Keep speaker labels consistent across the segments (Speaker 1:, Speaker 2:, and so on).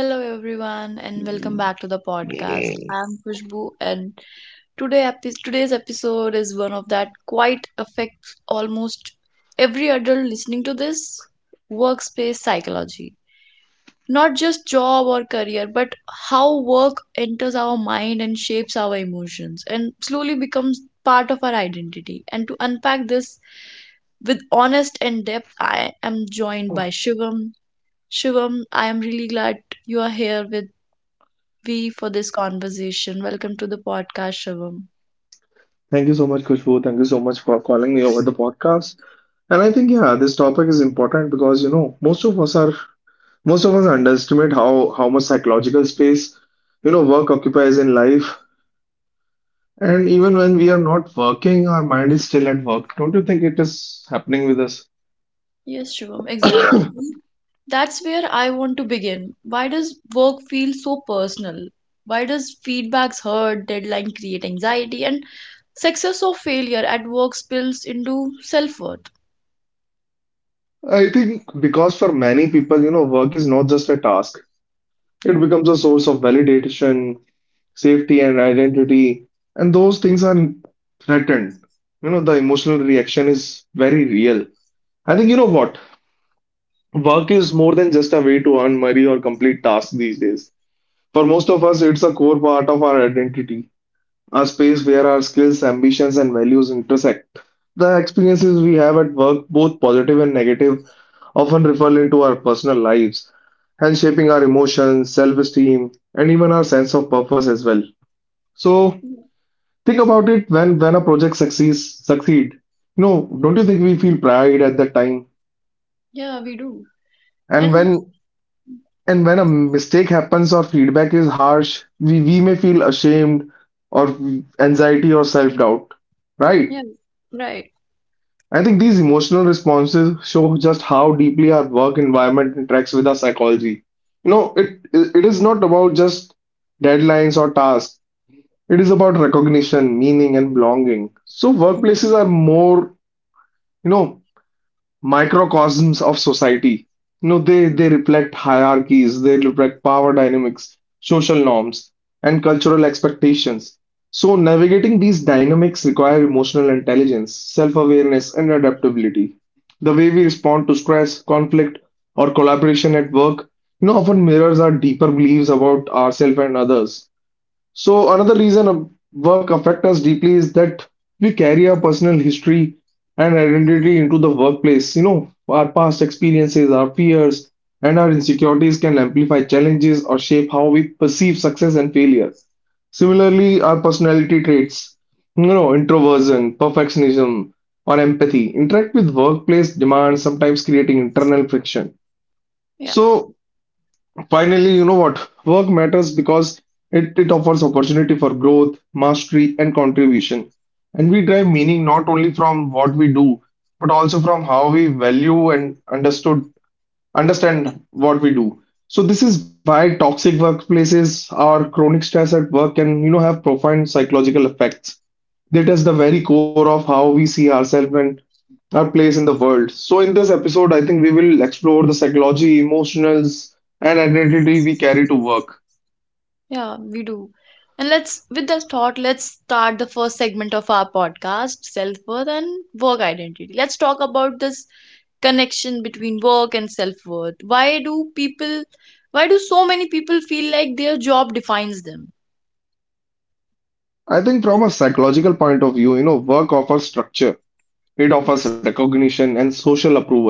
Speaker 1: Hello everyone and welcome back to the podcast. I'm Khushbu and today's episode is one of that quite affects almost every adult listening to this workspace psychology. Not just job or career but how work enters our mind and shapes our emotions and slowly becomes part of our identity. And to unpack this with honest and depth, I am joined by Shivam. Shivam, I am really glad you are here with we for this conversation. Welcome to the podcast, Shivam.
Speaker 2: Thank you so much, Khushbu. Thank you so much for calling me over the podcast. And I think this topic is important because you know most of us are most of us underestimate how much psychological space you know work occupies in life. And even when we are not working, our mind is still at work. Don't you think it is happening with us?
Speaker 1: Yes, Shivam, exactly. That's where I want to begin. Why does work feel so personal? Why does feedbacks hurt, deadline create anxiety, and success or failure at work spills into self worth?
Speaker 2: I think because for many people, you know, work is not just a task. It
Speaker 1: Yeah.
Speaker 2: becomes a source of validation, safety, and identity, and those things are threatened. You know, the emotional reaction is very real. I think you know what? Work is more than just a way to earn money or complete tasks these days. For most of us, it's a core part of our identity, a space where our skills, ambitions, and values intersect. The experiences we have at work, both positive and negative, often ripple into our personal lives and shaping our emotions, self-esteem, and even our sense of purpose as well. So think about it when a project succeed. You know, don't you think we feel pride at that time?
Speaker 1: Yeah, we do.
Speaker 2: And
Speaker 1: And
Speaker 2: when a mistake happens or feedback is harsh, we may feel ashamed or anxiety or self-doubt, right?
Speaker 1: yeah, right.
Speaker 2: I think these emotional responses show just how deeply our work environment interacts with our psychology. You know, it is not about just deadlines or tasks. It is about recognition, meaning, and belonging. So
Speaker 1: Mm-hmm.
Speaker 2: workplaces are more, you know, microcosms of society. You know, they reflect hierarchies, they reflect power dynamics, social norms, and cultural expectations. So navigating these dynamics require emotional intelligence, self-awareness, and adaptability. The way we respond to stress, conflict, or collaboration at work, you know, often mirrors our deeper beliefs about ourselves and others. So another reason a work affects us deeply is that we carry our personal history and identity into the workplace. You know, our past experiences, our fears, and our insecurities can amplify challenges or shape how we perceive success and failure. Similarly, our personality traits, you know, introversion, perfectionism, or empathy interact with workplace demands, sometimes creating internal friction.
Speaker 1: Yeah.
Speaker 2: So Finally, you know what? Work matters because it offers opportunity for growth, mastery, and contribution. And we derive meaning not only from what we do, but also from how we value and understood understand what we do. So this is why toxic workplaces or chronic stress at work can, you know, have profound psychological effects. They test the very core of how we see ourselves and our place in the world. So, in this episode, I think we will explore the psychology, emotionals, and identity we carry to work.
Speaker 1: Yeah, we do. And let's, with that thought, let's start the first segment of our podcast, self-worth and work identity. Let's talk about this connection between work and self-worth. Why do so many people feel like their job defines them?
Speaker 2: I think from a psychological point of view, you know, work offers structure, it offers
Speaker 1: Yes.
Speaker 2: recognition and social approval.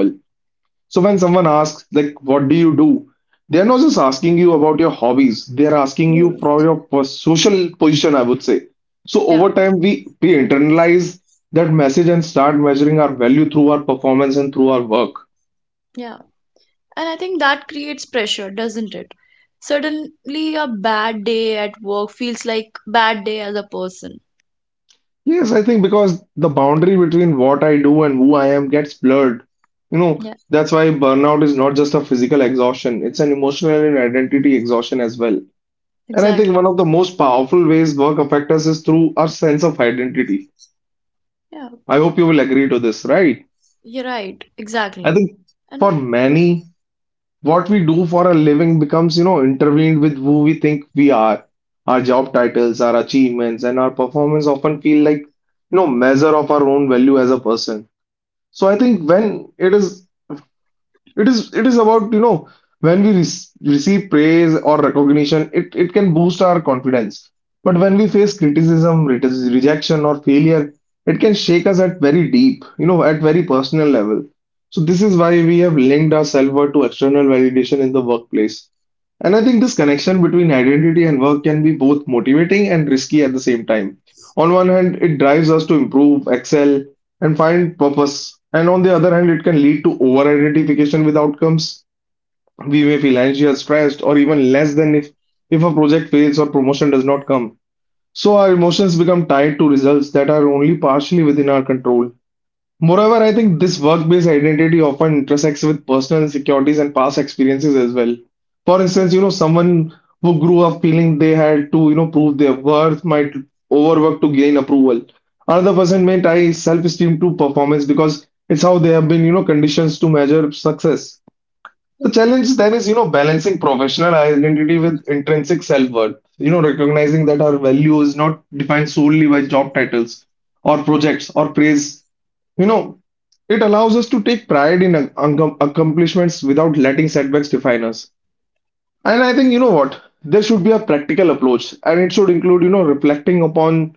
Speaker 2: So, when someone asks, like, what do you do? They are not just asking you about your hobbies, they are asking you
Speaker 1: Mhm.
Speaker 2: for your social position, I would say. So, over
Speaker 1: Yeah,
Speaker 2: time, we internalize that message and start measuring our value through our performance and through our work.
Speaker 1: yeah. And I think that creates pressure, doesn't it? Suddenly, a bad day at work feels like bad day as a person.
Speaker 2: Yes, I think because the boundary between what I do and who I am gets blurred. You know,
Speaker 1: Yeah,
Speaker 2: that's why burnout is not just a physical exhaustion, it's an emotional and identity exhaustion as well. And I think one
Speaker 1: exactly.
Speaker 2: of the most powerful ways work affects us is through our sense of identity.
Speaker 1: Yeah,
Speaker 2: I hope you will agree to this, right?
Speaker 1: you're right.
Speaker 2: I
Speaker 1: Exactly.
Speaker 2: think
Speaker 1: And
Speaker 2: for many, what we do for a living becomes, you know, intervened with who we think we are. Our job titles, our achievements, and our performance often feel like, you know, measure of our own value as a person. So I think when it is about you know when we receive praise or recognition, it can boost our confidence. But when we face criticism, rejection, or failure, it can shake us at very deep, you know, at very personal level. So this is why we have linked our self-worth to external validation in the workplace. And I think this connection between identity and work can be both motivating and risky at the same time. On one hand, it drives us to improve, excel, and find purpose. And on the other hand, it can lead to over identification with outcomes. We may feel anxious, stressed, or even less than if a project fails or promotion does not come. So our emotions become tied to results that are only partially within our control. Moreover, I think this work-based identity often intersects with personal insecurities and past experiences as well. For
Speaker 1: yeah,
Speaker 2: instance, you know, someone who grew up feeling they had to, you know, prove their worth might overwork to gain approval. Another person may tie self-esteem to performance because it's how they have been, you know, conditions to measure success.
Speaker 1: yeah,
Speaker 2: The challenge then is, you know, balancing professional identity with intrinsic self-worth. You know, recognizing that our value is not defined solely by job titles or
Speaker 1: yeah.
Speaker 2: projects or praise, you know, it allows us to take pride in accomplishments without letting setbacks define us. And I think, you know what, there should be a practical approach and it should include, you know, reflecting upon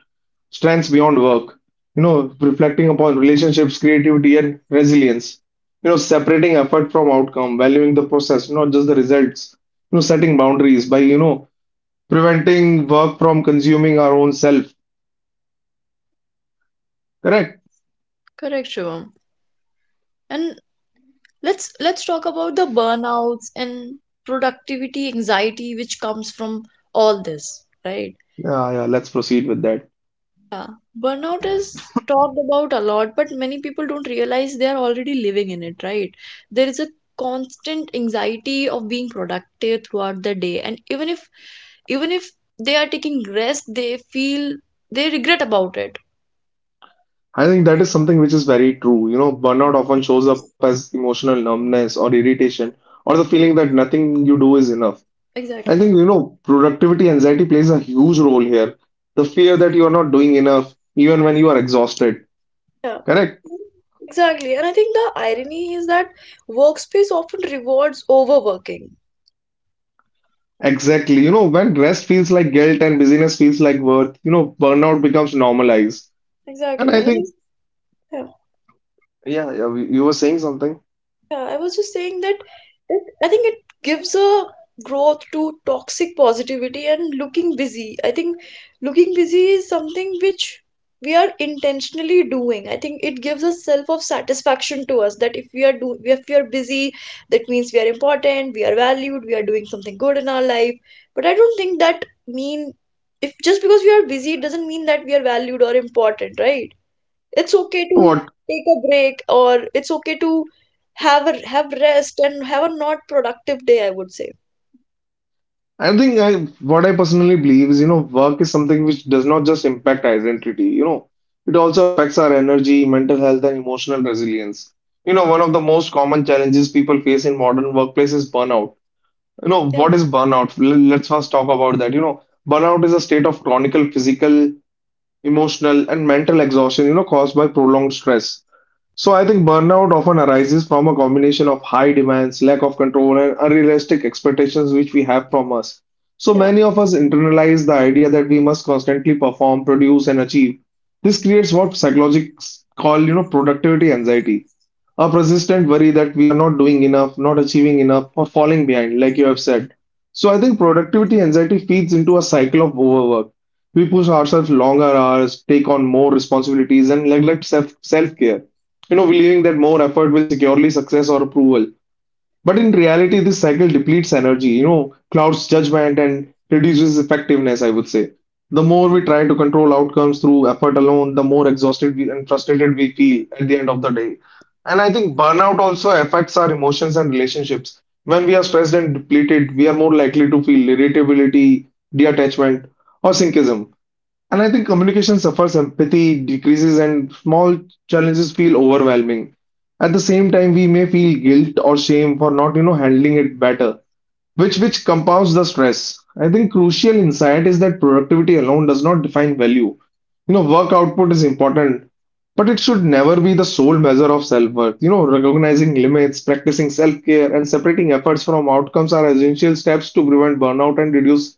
Speaker 2: strengths beyond work, you know, reflecting upon relationships, creativity, and resilience, you know, separating effort from outcome, valuing the process, not just the results, you know, setting boundaries by, you know, preventing work from consuming our own self. Correct?
Speaker 1: Correct, Shivam. And let's talk about the burnouts and productivity anxiety which comes from all this, right?
Speaker 2: Yeah, yeah, let's proceed with that.
Speaker 1: Yeah. Burnout is talked about a lot, but many people don't realize they are already living in it, right? There is a constant anxiety of being productive throughout the day, and even if they are taking rest, they regret about it.
Speaker 2: I think that is something which is very true. You know,
Speaker 1: Mm,
Speaker 2: burnout often shows up as emotional numbness or irritation or the feeling that nothing you do is enough. I
Speaker 1: exactly.
Speaker 2: think, you know, productivity anxiety plays a huge role here. The fear that you are not doing enough even when you are exhausted.
Speaker 1: Yeah,
Speaker 2: Correct?
Speaker 1: exactly. And I think the irony is that workspace often rewards overworking.
Speaker 2: Exactly. You know, when rest feels like guilt and busyness feels like worth, you know, burnout becomes normalized. And
Speaker 1: Exactly.
Speaker 2: I
Speaker 1: And I
Speaker 2: think,
Speaker 1: think, yeah.
Speaker 2: yeah, yeah, you were saying something.
Speaker 1: Yeah, I was just saying that I think it gives a growth to toxic positivity and looking busy. I think looking busy is something which we are intentionally doing. I think it gives a self of satisfaction to us that if we are busy, that means we are important, we are valued, we are doing something good in our life. But I don't think that mean if just because we are busy it doesn't mean that we are valued or important, right? It's okay
Speaker 2: You know
Speaker 1: to
Speaker 2: what?
Speaker 1: take a break or it's okay to have rest and have a not productive day, I would say.
Speaker 2: I think I what I personally believe is, you know, work is something which does not just impact identity, you know, it also affects our energy, mental health, and emotional resilience. You know, one of the most common challenges people face in modern workplace is burnout. You know,
Speaker 1: Yeah.
Speaker 2: what is burnout? Let's first talk about that. You know, burnout is a state of chronic physical, emotional, and mental exhaustion, you know, caused by prolonged stress. So I think burnout often arises from a combination of high demands, lack of control, and unrealistic expectations which we have from us. So
Speaker 1: Yeah.
Speaker 2: many of us internalize the idea that we must constantly perform, produce, and achieve. This creates what psychologists call, you know, productivity anxiety, a persistent worry that we are not doing enough, not achieving enough, or falling behind, like you have said. So I think productivity anxiety feeds into a cycle of overwork. We push ourselves longer hours, take on more responsibilities, and neglect self care, you know, believing that more effort will securely success or approval. But in reality, this cycle depletes energy, you know, clouds judgment and reduces effectiveness, I would say. The more we try to control outcomes through effort alone, the more exhausted we, and frustrated we feel at the end of the day. And I think burnout also affects our emotions and relationships. When we are stressed and depleted, we are more likely to feel irritability, detachment, or cynicism. And I think communication suffers, empathy decreases, and small challenges feel overwhelming. At the same time, we may feel guilt or shame for not, you know, handling it better, which compounds the stress. I think crucial insight is that productivity alone does not define value. You know, work output is important, but it should never be the sole measure of self-worth. You know, recognizing limits, practicing self-care, and separating efforts from outcomes are essential steps to prevent burnout and reduce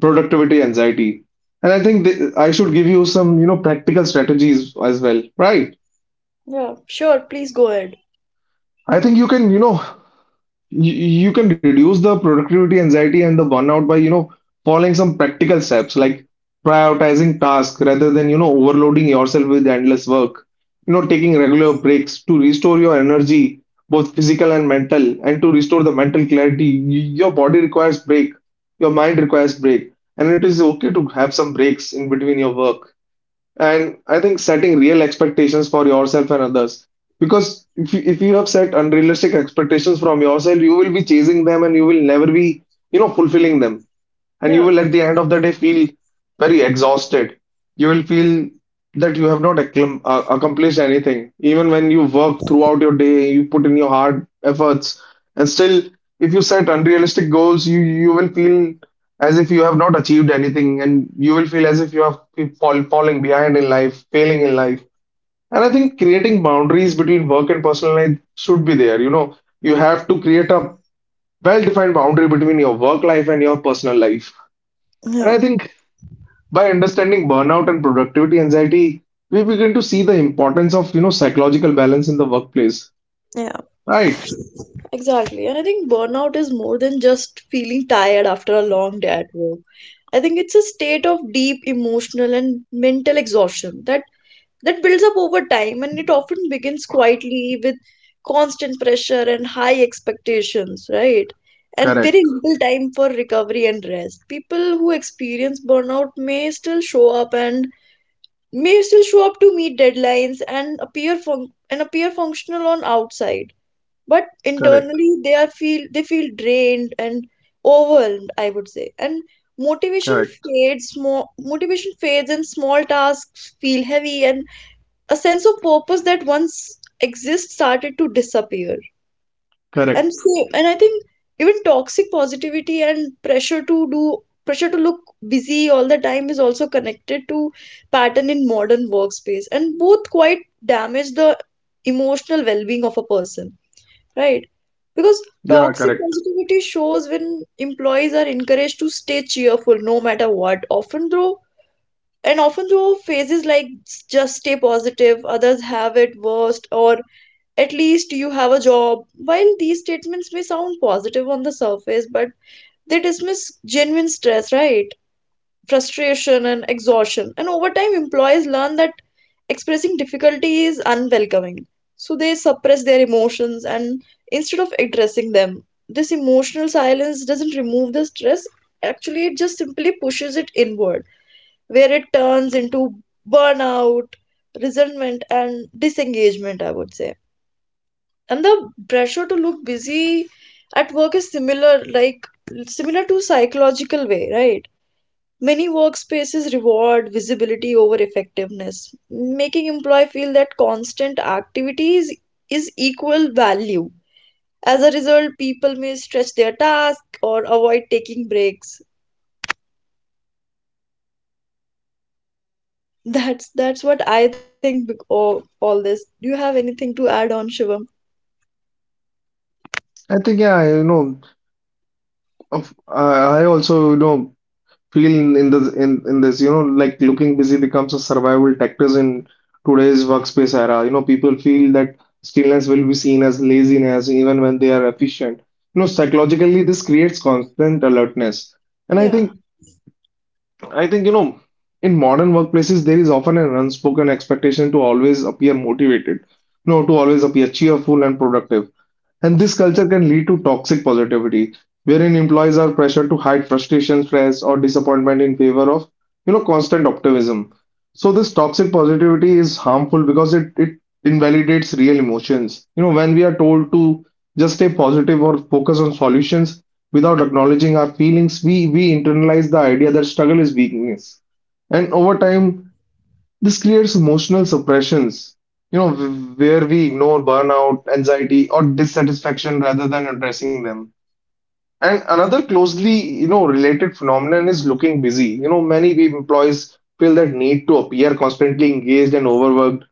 Speaker 2: productivity anxiety. And I think th I should give you some, you know, practical strategies as well, right?
Speaker 1: Yeah. Sure, please go ahead.
Speaker 2: I think you can, you know, you, you can reduce the productivity anxiety and the burnout by, you know, following some practical steps like prioritizing tasks rather than, you know, overloading yourself with endless work. You know, taking regular breaks to restore your energy, both physical and mental, and to restore the mental clarity. Your body requires break, your mind requires break, and it is okay to have some breaks in between your work. And I think setting real expectations for yourself and others. Because if you have set unrealistic expectations from yourself, you will be chasing them and you will never be, you know, fulfilling them and you
Speaker 1: Yeah.
Speaker 2: will at the end of the day feel very exhausted. You will feel that you have not accomplished anything. Even when you work throughout your day, you put in your hard efforts, and still, if you set unrealistic goals, you will feel as if you have not achieved anything, and you will feel as if you have falling behind in life, failing in life. And I think creating boundaries between work and personal life should be there. You know, you have to create a well-defined boundary between your work life and your personal life. And
Speaker 1: Yeah.
Speaker 2: I think by understanding burnout and productivity anxiety, we begin to see the importance of, you know, psychological balance in the workplace.
Speaker 1: Yeah,
Speaker 2: Right.
Speaker 1: exactly. And I think burnout is more than just feeling tired after a long day at work. I think it's a state of deep emotional and mental exhaustion that builds up over time, and it often begins quietly with constant pressure and high expectations, right? And very
Speaker 2: Correct.
Speaker 1: little time for recovery and rest. People who experience burnout may still show up to meet deadlines and and appear functional on outside, but
Speaker 2: Correct.
Speaker 1: internally they feel drained and overwhelmed, I would say. And
Speaker 2: Correct.
Speaker 1: motivation fades, and small tasks feel heavy, and a sense of purpose that once exists started to disappear.
Speaker 2: Correct.
Speaker 1: And I think even toxic positivity and pressure to look busy all the time is also connected to pattern in modern workspace, and both quite damage the emotional well-being of a person, right? Because
Speaker 2: Yeah,
Speaker 1: toxic
Speaker 2: correct.
Speaker 1: positivity shows when employees are encouraged to stay cheerful no matter what, often though, and often through phases like just stay positive, others have it worst, or at least you have a job. While these statements may sound positive on the surface, but they dismiss genuine stress, right? Frustration and exhaustion. And over time employees learn that expressing difficulty is unwelcoming, so they suppress their emotions, and instead of addressing them this emotional silence doesn't remove the stress, actually it just simply pushes it inward, where it turns into burnout, resentment, and disengagement, I would say. And the pressure to look busy at work is similar, to psychological way, right? Many workspaces reward visibility over effectiveness, making employee feel that constant activity is equal value. As a result, people may stretch their task or avoid taking breaks. That's what I think of all this. Do you have anything to add on, Shivam?
Speaker 2: I think yeah, you know, of I also, you know, feel in this, you know, like looking busy becomes a survival tactics in today's workspace era. You know, people feel that stillness will be seen as laziness even when they are efficient. You know, psychologically this creates constant alertness, and I
Speaker 1: Yeah,
Speaker 2: think I think, you know, in modern workplaces, there is often an unspoken expectation to always appear motivated, no, to always appear cheerful and productive. And this culture can lead to toxic positivity, wherein employees are pressured to hide frustration, stress, or disappointment in favor of, you know, constant optimism. So this toxic positivity is harmful because it invalidates real emotions. You know, when we are told to just stay positive or focus on solutions without acknowledging our feelings, we internalize the idea that struggle is weakness. And over time, this creates emotional suppressions, you know, where we ignore burnout, anxiety, or dissatisfaction rather than addressing them. And another closely, you know, related phenomenon is looking busy. You know, many employees feel that need to appear constantly engaged and overworked,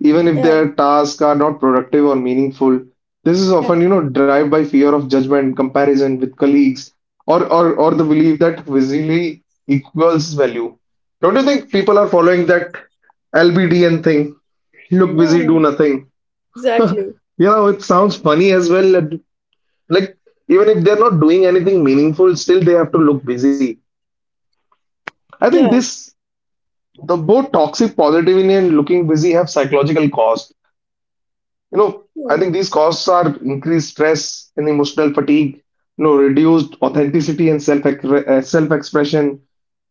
Speaker 2: even if
Speaker 1: yeah,
Speaker 2: their tasks are not productive or meaningful. This is
Speaker 1: yeah,
Speaker 2: often, you know, driven by fear of judgment, comparison with colleagues, or the belief that visibility equals value. Don't you think people are following that LBDN thing? Look
Speaker 1: yeah,
Speaker 2: busy, do
Speaker 1: yeah,
Speaker 2: nothing.
Speaker 1: exactly.
Speaker 2: You know, it sounds funny as well. Like even if they're not doing anything meaningful, still they have to look busy. I think
Speaker 1: Yeah,
Speaker 2: this the both toxic positivity and looking busy have psychological cost. You know, I
Speaker 1: yeah,
Speaker 2: think these costs are increased stress and emotional fatigue, you know, reduced authenticity and self-expression,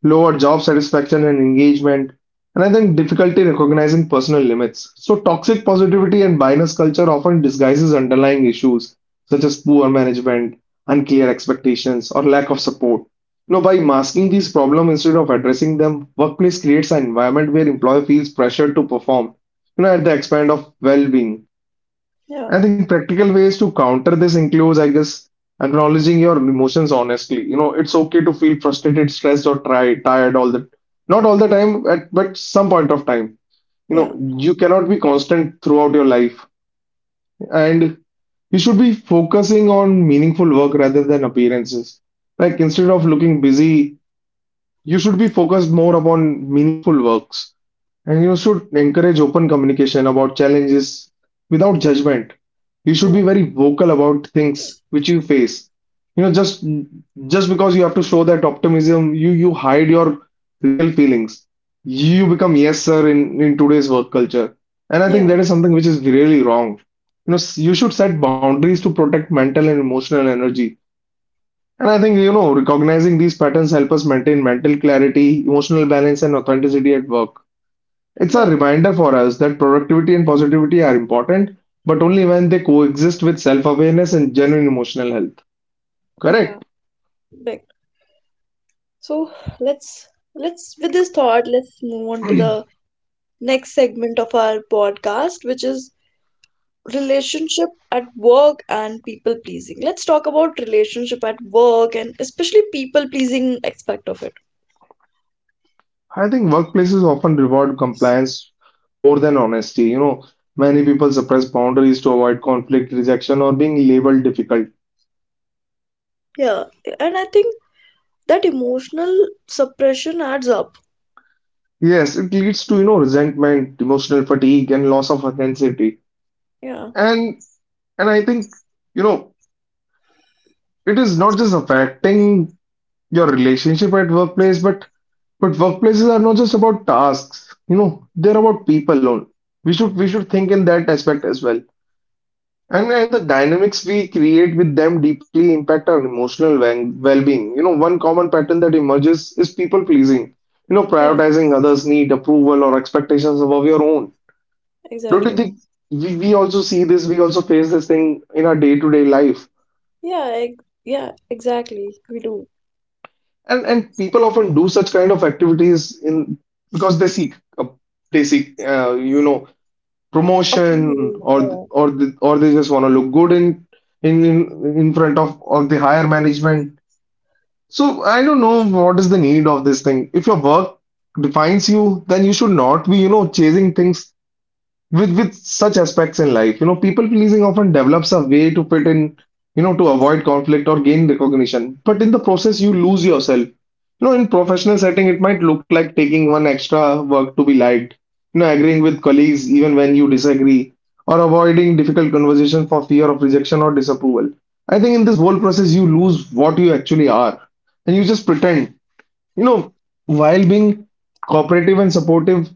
Speaker 2: lower job satisfaction and engagement, and I think difficulty recognizing personal limits. So toxic positivity and bias culture often disguises underlying issues such as poor management, unclear expectations, or lack of support. You know, by masking these problems instead of addressing them, workplace creates an environment where employer feels pressured to perform, you know, at the expense of well-being.
Speaker 1: yeah,
Speaker 2: I think practical ways to counter this includes, I guess, acknowledging your emotions honestly. You know, it's okay to feel frustrated, stressed, or tired all the not all the time, but some point of time. You
Speaker 1: yeah,
Speaker 2: know, you cannot be constant throughout your life, and you should be focusing on meaningful work rather than appearances. Like instead of looking busy, you should be focused more upon meaningful works. And you should encourage open communication about challenges without judgment. You should be
Speaker 1: yeah,
Speaker 2: very vocal about things which you face. You know, just because you have to show that optimism, you hide your real feelings. You become yes sir in today's work culture. And I think
Speaker 1: yeah,
Speaker 2: that is something which is really wrong. You know, you should set boundaries to protect mental and emotional energy. And I think, you know, recognizing these patterns help us maintain mental clarity, emotional balance, and authenticity at work. It's a
Speaker 1: yeah,
Speaker 2: reminder for us that productivity and positivity are important, but only when they coexist with self awareness and genuine emotional health.
Speaker 1: yeah.
Speaker 2: Correct.
Speaker 1: Right. So let's let's with this thought, let's move on to the next segment of our podcast, which is relationship at work and people pleasing. Let's talk about relationship at work and especially people pleasing aspect of it.
Speaker 2: I think workplaces often reward compliance more than honesty. You know, many people suppress boundaries to avoid conflict, rejection, or being labeled difficult.
Speaker 1: Yeah, and I think that emotional suppression adds up.
Speaker 2: Yes, it leads to, you know, resentment, emotional fatigue, and loss of authenticity.
Speaker 1: Yeah,
Speaker 2: And and I think, you know, it is not just affecting your relationship at workplace, but workplaces are not just about tasks, you know, they're about people only. We should think in that aspect as well. And the dynamics we create with them deeply impact our emotional well being. You know, one common pattern that emerges is people pleasing. You know,
Speaker 1: yeah,
Speaker 2: prioritizing others' need, approval, or expectations above your own. Don't you
Speaker 1: exactly.
Speaker 2: think we also see this, we also face this thing in our day-to-day life.
Speaker 1: Yeah, yeah, exactly. We do.
Speaker 2: And people often do such kind of activities in because they seek you know, promotion or
Speaker 1: Approval.
Speaker 2: or the, or they just want to look good in in in front of the higher management. So I don't know what is the need of this thing. If your work defines you, then you should not be, you know, chasing things with such aspects in life. You know, people pleasing often develops a way to fit in, you know, to avoid conflict or gain recognition, but in the process you lose yourself. You know, in professional setting it might look like taking one extra work to be liked, you know, agreeing with colleagues even when you disagree, or avoiding difficult conversation for fear of rejection or disapproval. I think in this whole process you lose what you actually are, and you just pretend, you know, while being cooperative and supportive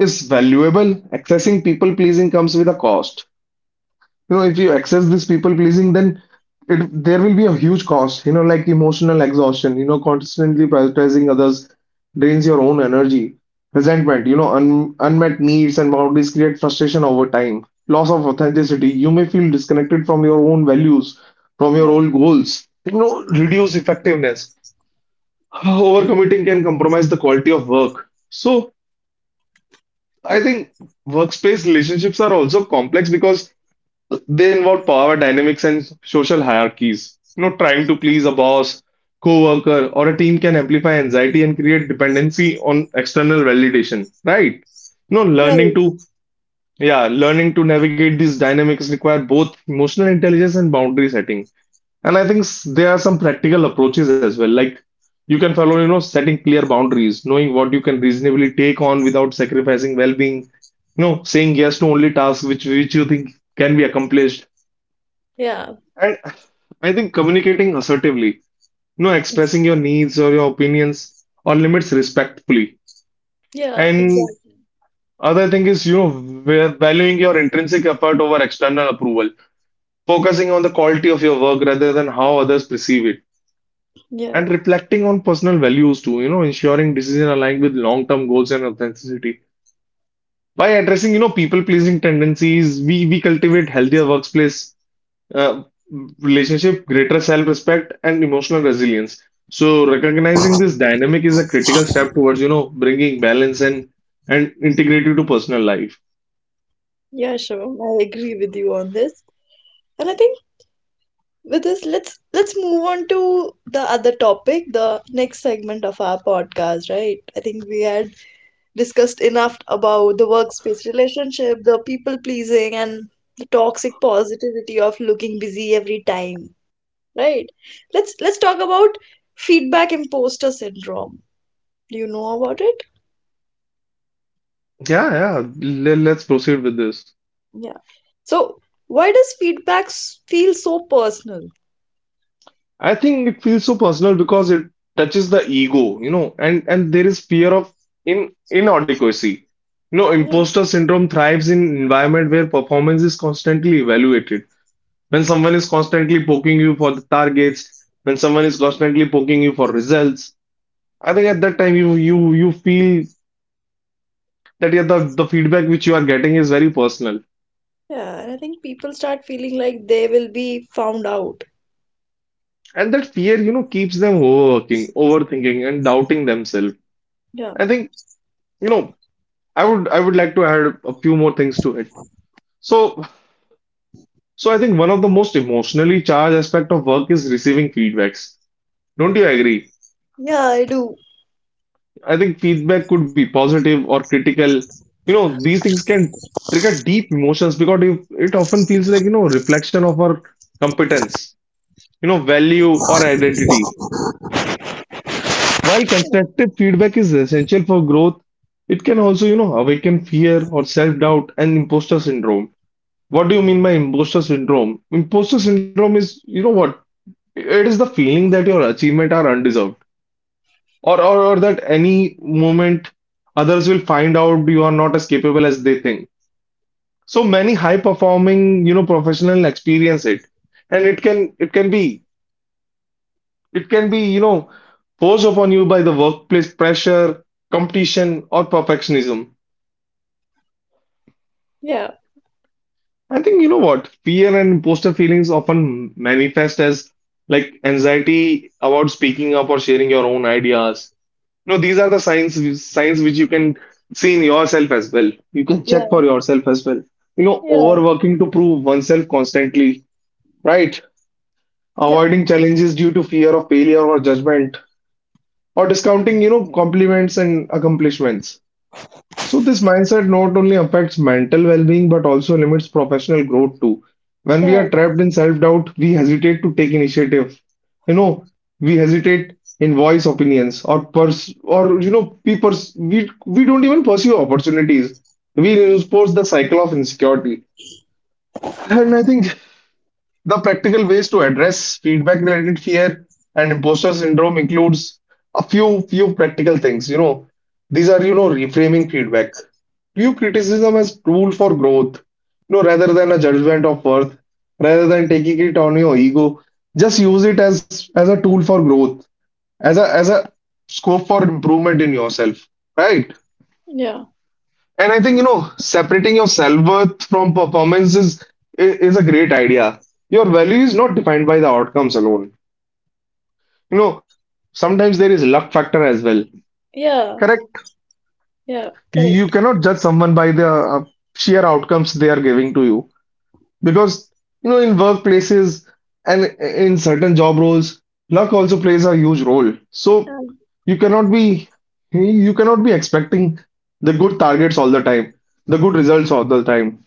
Speaker 2: is valuable. Accessing people pleasing comes with a cost. You know, if you access this people pleasing, then it there will be a huge cost. You know, like emotional exhaustion. You know, constantly prioritizing others drains your own energy. Resentment. You know, un unmet needs and boundaries create frustration over time. Loss of authenticity. You may feel disconnected from your own values, from your
Speaker 1: Yeah,
Speaker 2: old goals. You know, reduce effectiveness. Overcommitting can compromise the quality of work. So I think workspace relationships are also complex because they involve power dynamics and social hierarchies. You know, trying to please a boss, co-worker, or a team can amplify anxiety and create dependency on external validation, right? You know,
Speaker 1: yeah,
Speaker 2: learning
Speaker 1: right.
Speaker 2: to yeah, learning to navigate these dynamics require both emotional intelligence and boundary setting. And I think there are some practical approaches as well. Like you can follow, you know, setting clear boundaries, knowing what you can reasonably take on without sacrificing well-being, you know, saying yes to only tasks which you think can be accomplished.
Speaker 1: Yeah,
Speaker 2: And I think communicating assertively, you know, expressing your needs or your opinions or limits respectfully.
Speaker 1: yeah,
Speaker 2: And
Speaker 1: exactly.
Speaker 2: other thing is, you know, valuing your intrinsic effort over external approval, focusing on the quality of your work rather than how others perceive it.
Speaker 1: Yeah,
Speaker 2: And reflecting on personal values too, you know, ensuring decision aligned with long-term goals and authenticity. By addressing, you know, people-pleasing tendencies, we cultivate healthier workplace uh, relationship, greater self-respect, and emotional resilience. So recognizing this dynamic is a critical step towards, you know, bringing balance and integrity to personal life.
Speaker 1: yeah, Shivam, I agree with you on this. And I think with this, let's move on to the other topic, the next segment of our podcast, right? I think we had discussed enough about the workspace relationship, the people pleasing, and the toxic positivity of looking busy every time. Right? Let's talk about feedback imposter syndrome. Do you know about it?
Speaker 2: Yeah, yeah. Let's proceed with this.
Speaker 1: Yeah. So why does feedback feel so personal?
Speaker 2: I think it feels so personal because it touches the ego, you know, and there is fear of in inadequacy. You know,
Speaker 1: I mean,
Speaker 2: imposter syndrome thrives in environment where performance is constantly evaluated. When
Speaker 1: yeah,
Speaker 2: someone is constantly poking you for the targets, when someone is constantly poking you for results, I think at that time you feel that yeah, the feedback which you are getting is very personal,
Speaker 1: yeah, and I think people start feeling like they will be found out.
Speaker 2: and that fear, you know, keeps them overworking, overthinking, and doubting themselves.
Speaker 1: Yeah,
Speaker 2: I think you know. I would like to add a few more things to it. So so I think one of the most emotionally charged aspect of work is receiving feedbacks. Don't you agree?
Speaker 1: yeah, I do.
Speaker 2: I think feedback could be positive or critical. You know, these things can trigger deep emotions because it often feels like, you know, reflection of our competence, you know, value or identity. While constructive feedback is essential for growth, it can also, you know, awaken fear or self-doubt and imposter syndrome. What do you mean by imposter syndrome? Imposter syndrome is, you know what? It is the feeling that your achievement are undeserved, or that any moment others will find out you are not as capable as they think. So many high performing, you know, professional experience it, and it can be, you know, forced upon you by the workplace pressure, competition, or perfectionism.
Speaker 1: Yeah,
Speaker 2: I think you know what? Fear and imposter feelings often manifest as like anxiety about speaking up or sharing your own ideas. You know, these are the signs which you can see in yourself as well. You can check
Speaker 1: yeah,
Speaker 2: for yourself as well. You know,
Speaker 1: yeah,
Speaker 2: overworking to prove oneself constantly, right?
Speaker 1: yeah,
Speaker 2: Avoiding challenges due to fear of failure or judgment, or discounting, compliments and accomplishments. So this mindset not only affects mental well-being but also limits professional growth too. When we
Speaker 1: yeah,
Speaker 2: are trapped in self-doubt, we hesitate to take initiative. You know, we hesitate in voice opinions or pers or you know, we pers we don't even pursue opportunities. We reinforce the cycle of insecurity. And I think the practical ways to address feedback-related fear and imposter syndrome includes a few practical things. You know, these are, reframing feedback. View criticism as tool for growth, you know, rather than a judgment of worth, rather than taking it on your ego. Just use it as a tool for growth, as a scope for improvement in yourself, right?
Speaker 1: yeah,
Speaker 2: And I think, separating your self-worth from performance is a great idea. Your value is not defined by the outcomes alone. You know, sometimes there is luck factor as well.
Speaker 1: yeah,
Speaker 2: Correct.
Speaker 1: yeah,
Speaker 2: You
Speaker 1: correct.
Speaker 2: cannot judge someone by the sheer outcomes they are giving to you. Because, you know, in workplaces and in certain job roles, luck also plays a huge role. So you cannot be you cannot be expecting the good targets all the time, the good results all the time.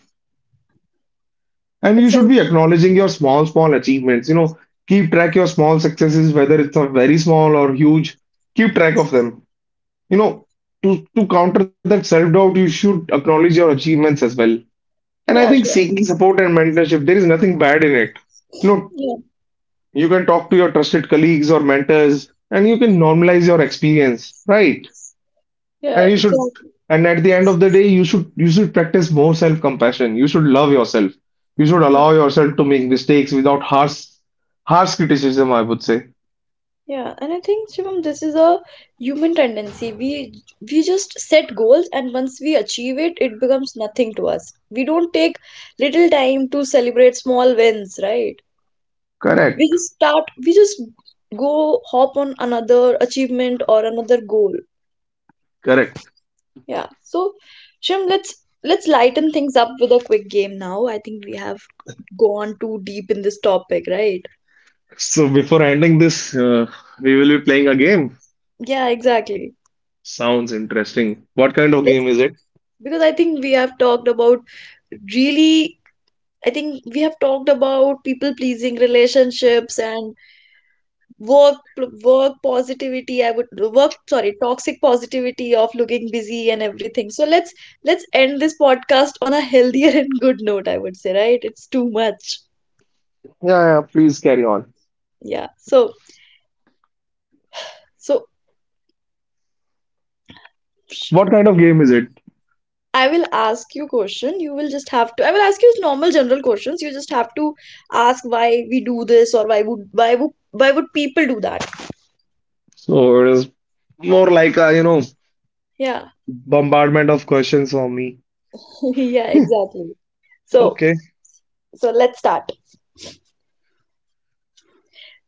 Speaker 2: And you should be
Speaker 1: Exactly.
Speaker 2: acknowledging your small, small achievements. You know, keep track your small successes, whether it's a very small or huge. Keep track of them. You know, to counter that self-doubt, you should acknowledge your achievements as well. And I
Speaker 1: Yeah,
Speaker 2: think
Speaker 1: sure.
Speaker 2: seeking support and mentorship, there is nothing bad in it. You know,
Speaker 1: Yeah,
Speaker 2: you can talk to your trusted colleagues or mentors, and you can normalize your experience, right?
Speaker 1: yeah,
Speaker 2: And you should,
Speaker 1: exactly.
Speaker 2: and at the end of the day, you should practice more self-compassion. You should love yourself. You should
Speaker 1: Yeah,
Speaker 2: allow yourself to make mistakes without harsh criticism, I would say.
Speaker 1: yeah. And I think Shivam, this is a human tendency. We just set goals, and once we achieve it, it becomes nothing to us. We don't take little time to celebrate small wins, right? We
Speaker 2: Correct,
Speaker 1: just start. We just go hop on another achievement or another goal.
Speaker 2: correct.
Speaker 1: Yeah. So, Shivam, let's lighten things up with a quick game now. I think we have gone too deep in this topic, right?
Speaker 2: So before ending this, we will be playing a game.
Speaker 1: Yeah, exactly.
Speaker 2: Sounds interesting. What kind of
Speaker 1: Let's,
Speaker 2: game is it?
Speaker 1: because I think we have talked about really, I think we have talked about people pleasing relationships and work work positivity, I would — work, sorry, toxic positivity of looking busy and everything. So let's end this podcast on a healthier and good note, I would say, right? It's too much.
Speaker 2: Yeah, yeah, please carry on.
Speaker 1: Yeah. So, sh-
Speaker 2: What kind of game is it?
Speaker 1: I will ask you question, you will just have to, I will ask you normal general questions, you just have to ask why we do this, or why would why would people do that.
Speaker 2: So it is more like a, you know,
Speaker 1: Yeah.
Speaker 2: bombardment of questions for me.
Speaker 1: Yeah, exactly. So,
Speaker 2: Okay.
Speaker 1: so, let's start.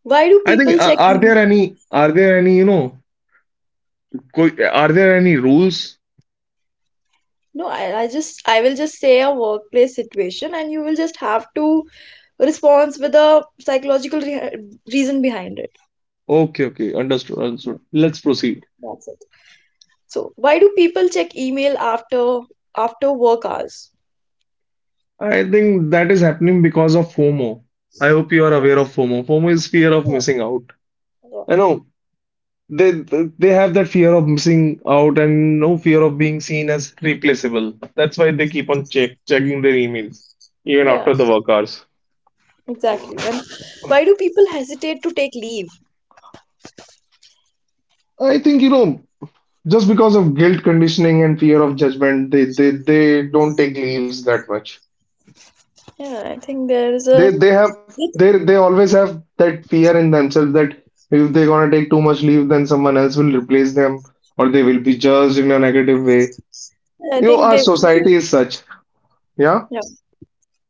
Speaker 1: Why do
Speaker 2: I think
Speaker 1: people check in?
Speaker 2: are there any, you know, Qu- Are there any rules?
Speaker 1: No, I will just say a workplace situation, and you will just have to respond with a psychological re reason behind it.
Speaker 2: Okay, okay, understood,
Speaker 1: Yeah,
Speaker 2: understood. Let's proceed.
Speaker 1: that's it. So, why do people check email after work hours?
Speaker 2: I think that is happening because of FOMO. I hope you are aware
Speaker 1: Yes,
Speaker 2: of FOMO. FOMO is fear of
Speaker 1: yeah,
Speaker 2: missing out.
Speaker 1: yeah.
Speaker 2: I know they have that fear of missing out and no fear of being seen as replaceable. That's why they keep on checking their emails even
Speaker 1: Yeah,
Speaker 2: after the work hours.
Speaker 1: exactly. And why do people hesitate to take leave?
Speaker 2: I think you know just because of guilt conditioning and fear of judgment, they don't take leaves that much.
Speaker 1: Yeah, I think there is
Speaker 2: They
Speaker 1: a.
Speaker 2: they
Speaker 1: I
Speaker 2: have they they always have that fear in themselves that if they're gonna take too much leave, then someone else will replace them or they will be judged in a negative way. You know,
Speaker 1: think
Speaker 2: our
Speaker 1: they. I
Speaker 2: society
Speaker 1: think,
Speaker 2: is such. Yeah,
Speaker 1: yeah.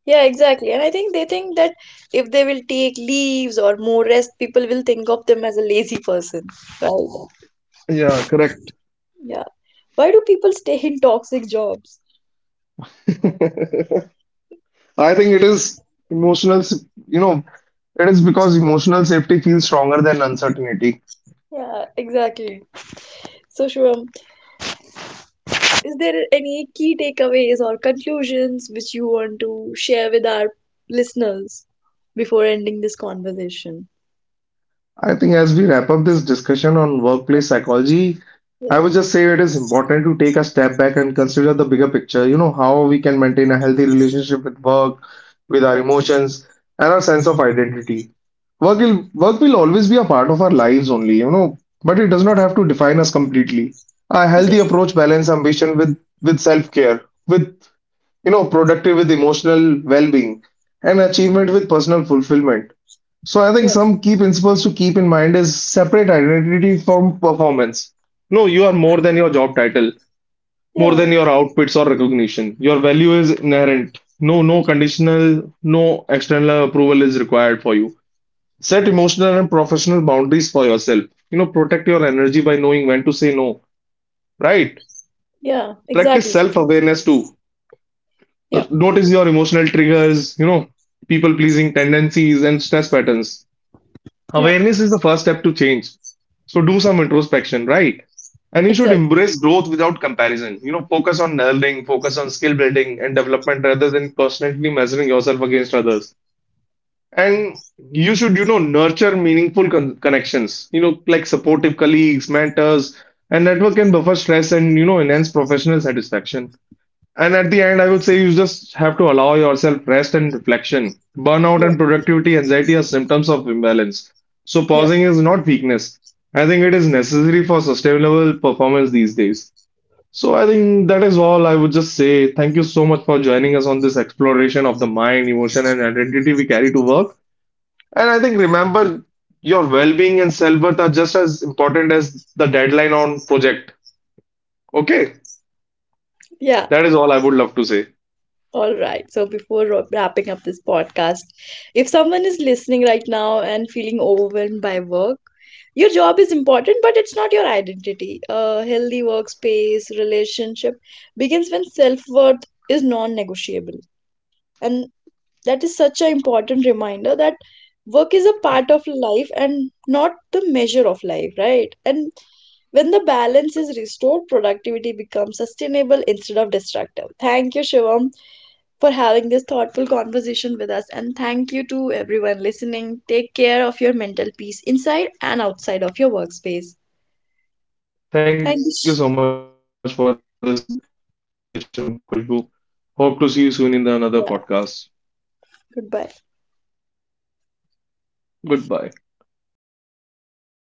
Speaker 1: Yeah, exactly. And I think they think that if they will take leaves or more rest, people will think of them as a lazy person, right?
Speaker 2: yeah, correct.
Speaker 1: Yeah. Why do people stay in toxic jobs?
Speaker 2: I think it is you know, it is because emotional safety feels stronger than uncertainty.
Speaker 1: Yeah, exactly. So, Shubham, is there any key takeaways or conclusions which you want to share with our listeners before ending this conversation?
Speaker 2: I think as we wrap up this discussion on
Speaker 1: Yeah,
Speaker 2: workplace psychology, I
Speaker 1: yeah,
Speaker 2: would just say it is important to take a step back and consider the bigger picture. You know, how we can maintain a healthy relationship with work, with our
Speaker 1: yeah,
Speaker 2: emotions, and our sense of identity. Work will always be a part of our lives only, you know, but it does not have to define us completely. A healthy
Speaker 1: exactly.
Speaker 2: approach balance ambition with self-care, with productive with emotional well-being and achievement with personal fulfillment. So I think
Speaker 1: Yeah,
Speaker 2: some key principles to keep in mind is separate identity from performance. No, you are more than your job title, more
Speaker 1: yeah,
Speaker 2: than your outfits or recognition. Your value is inherent. No, no conditional, no external approval is required for you. Set emotional and professional boundaries for yourself. You know, protect your energy by knowing when to say no, right?
Speaker 1: yeah,
Speaker 2: Practice
Speaker 1: exactly. Shubham.
Speaker 2: self-awareness too.
Speaker 1: Yeah,
Speaker 2: Notice your emotional triggers, you know, people-pleasing tendencies and stress patterns.
Speaker 1: yeah,
Speaker 2: Awareness is the first step to change. So do some introspection, right? And you should
Speaker 1: exactly.
Speaker 2: embrace growth without comparison. You know, focus on learning, focus on skill building and development rather than constantly measuring yourself against others. And you should, you know, nurture meaningful connections, you know, like supportive colleagues, mentors, and network can buffer stress and, you know, enhance professional satisfaction. And at the end, I would say you just have to allow yourself rest and reflection. Burnout
Speaker 1: Yeah,
Speaker 2: and productivity anxiety are symptoms of imbalance. So
Speaker 1: yeah,
Speaker 2: pausing is not weakness. I think it is necessary for sustainable performance these days. So I think that is all I would just say. Thank you so much for joining us on this exploration of the mind, emotion, and identity we carry to work. And I think remember your well-being and self-worth are just as important as the deadline on project. Okay,
Speaker 1: yeah.
Speaker 2: that is all I would love to say.
Speaker 1: All right. So before wrapping up this podcast, if someone is listening right now and feeling overwhelmed by work, your job is important, but it's not your identity. A healthy workspace relationship begins when self worth is non negotiable. And that is such an important reminder that work is a part of life and not the measure of life, right? And when the balance is restored, productivity becomes sustainable instead of destructive. Thank you, Shivam, for having this thoughtful conversation with us. And thank you to everyone listening. Take care of your mental peace inside and outside of your workspace. Thank you.
Speaker 2: Thank you so much for this conversation, Kushbu. Hope to see you soon in the another
Speaker 1: Yeah,
Speaker 2: podcast.
Speaker 1: goodbye.
Speaker 2: Goodbye.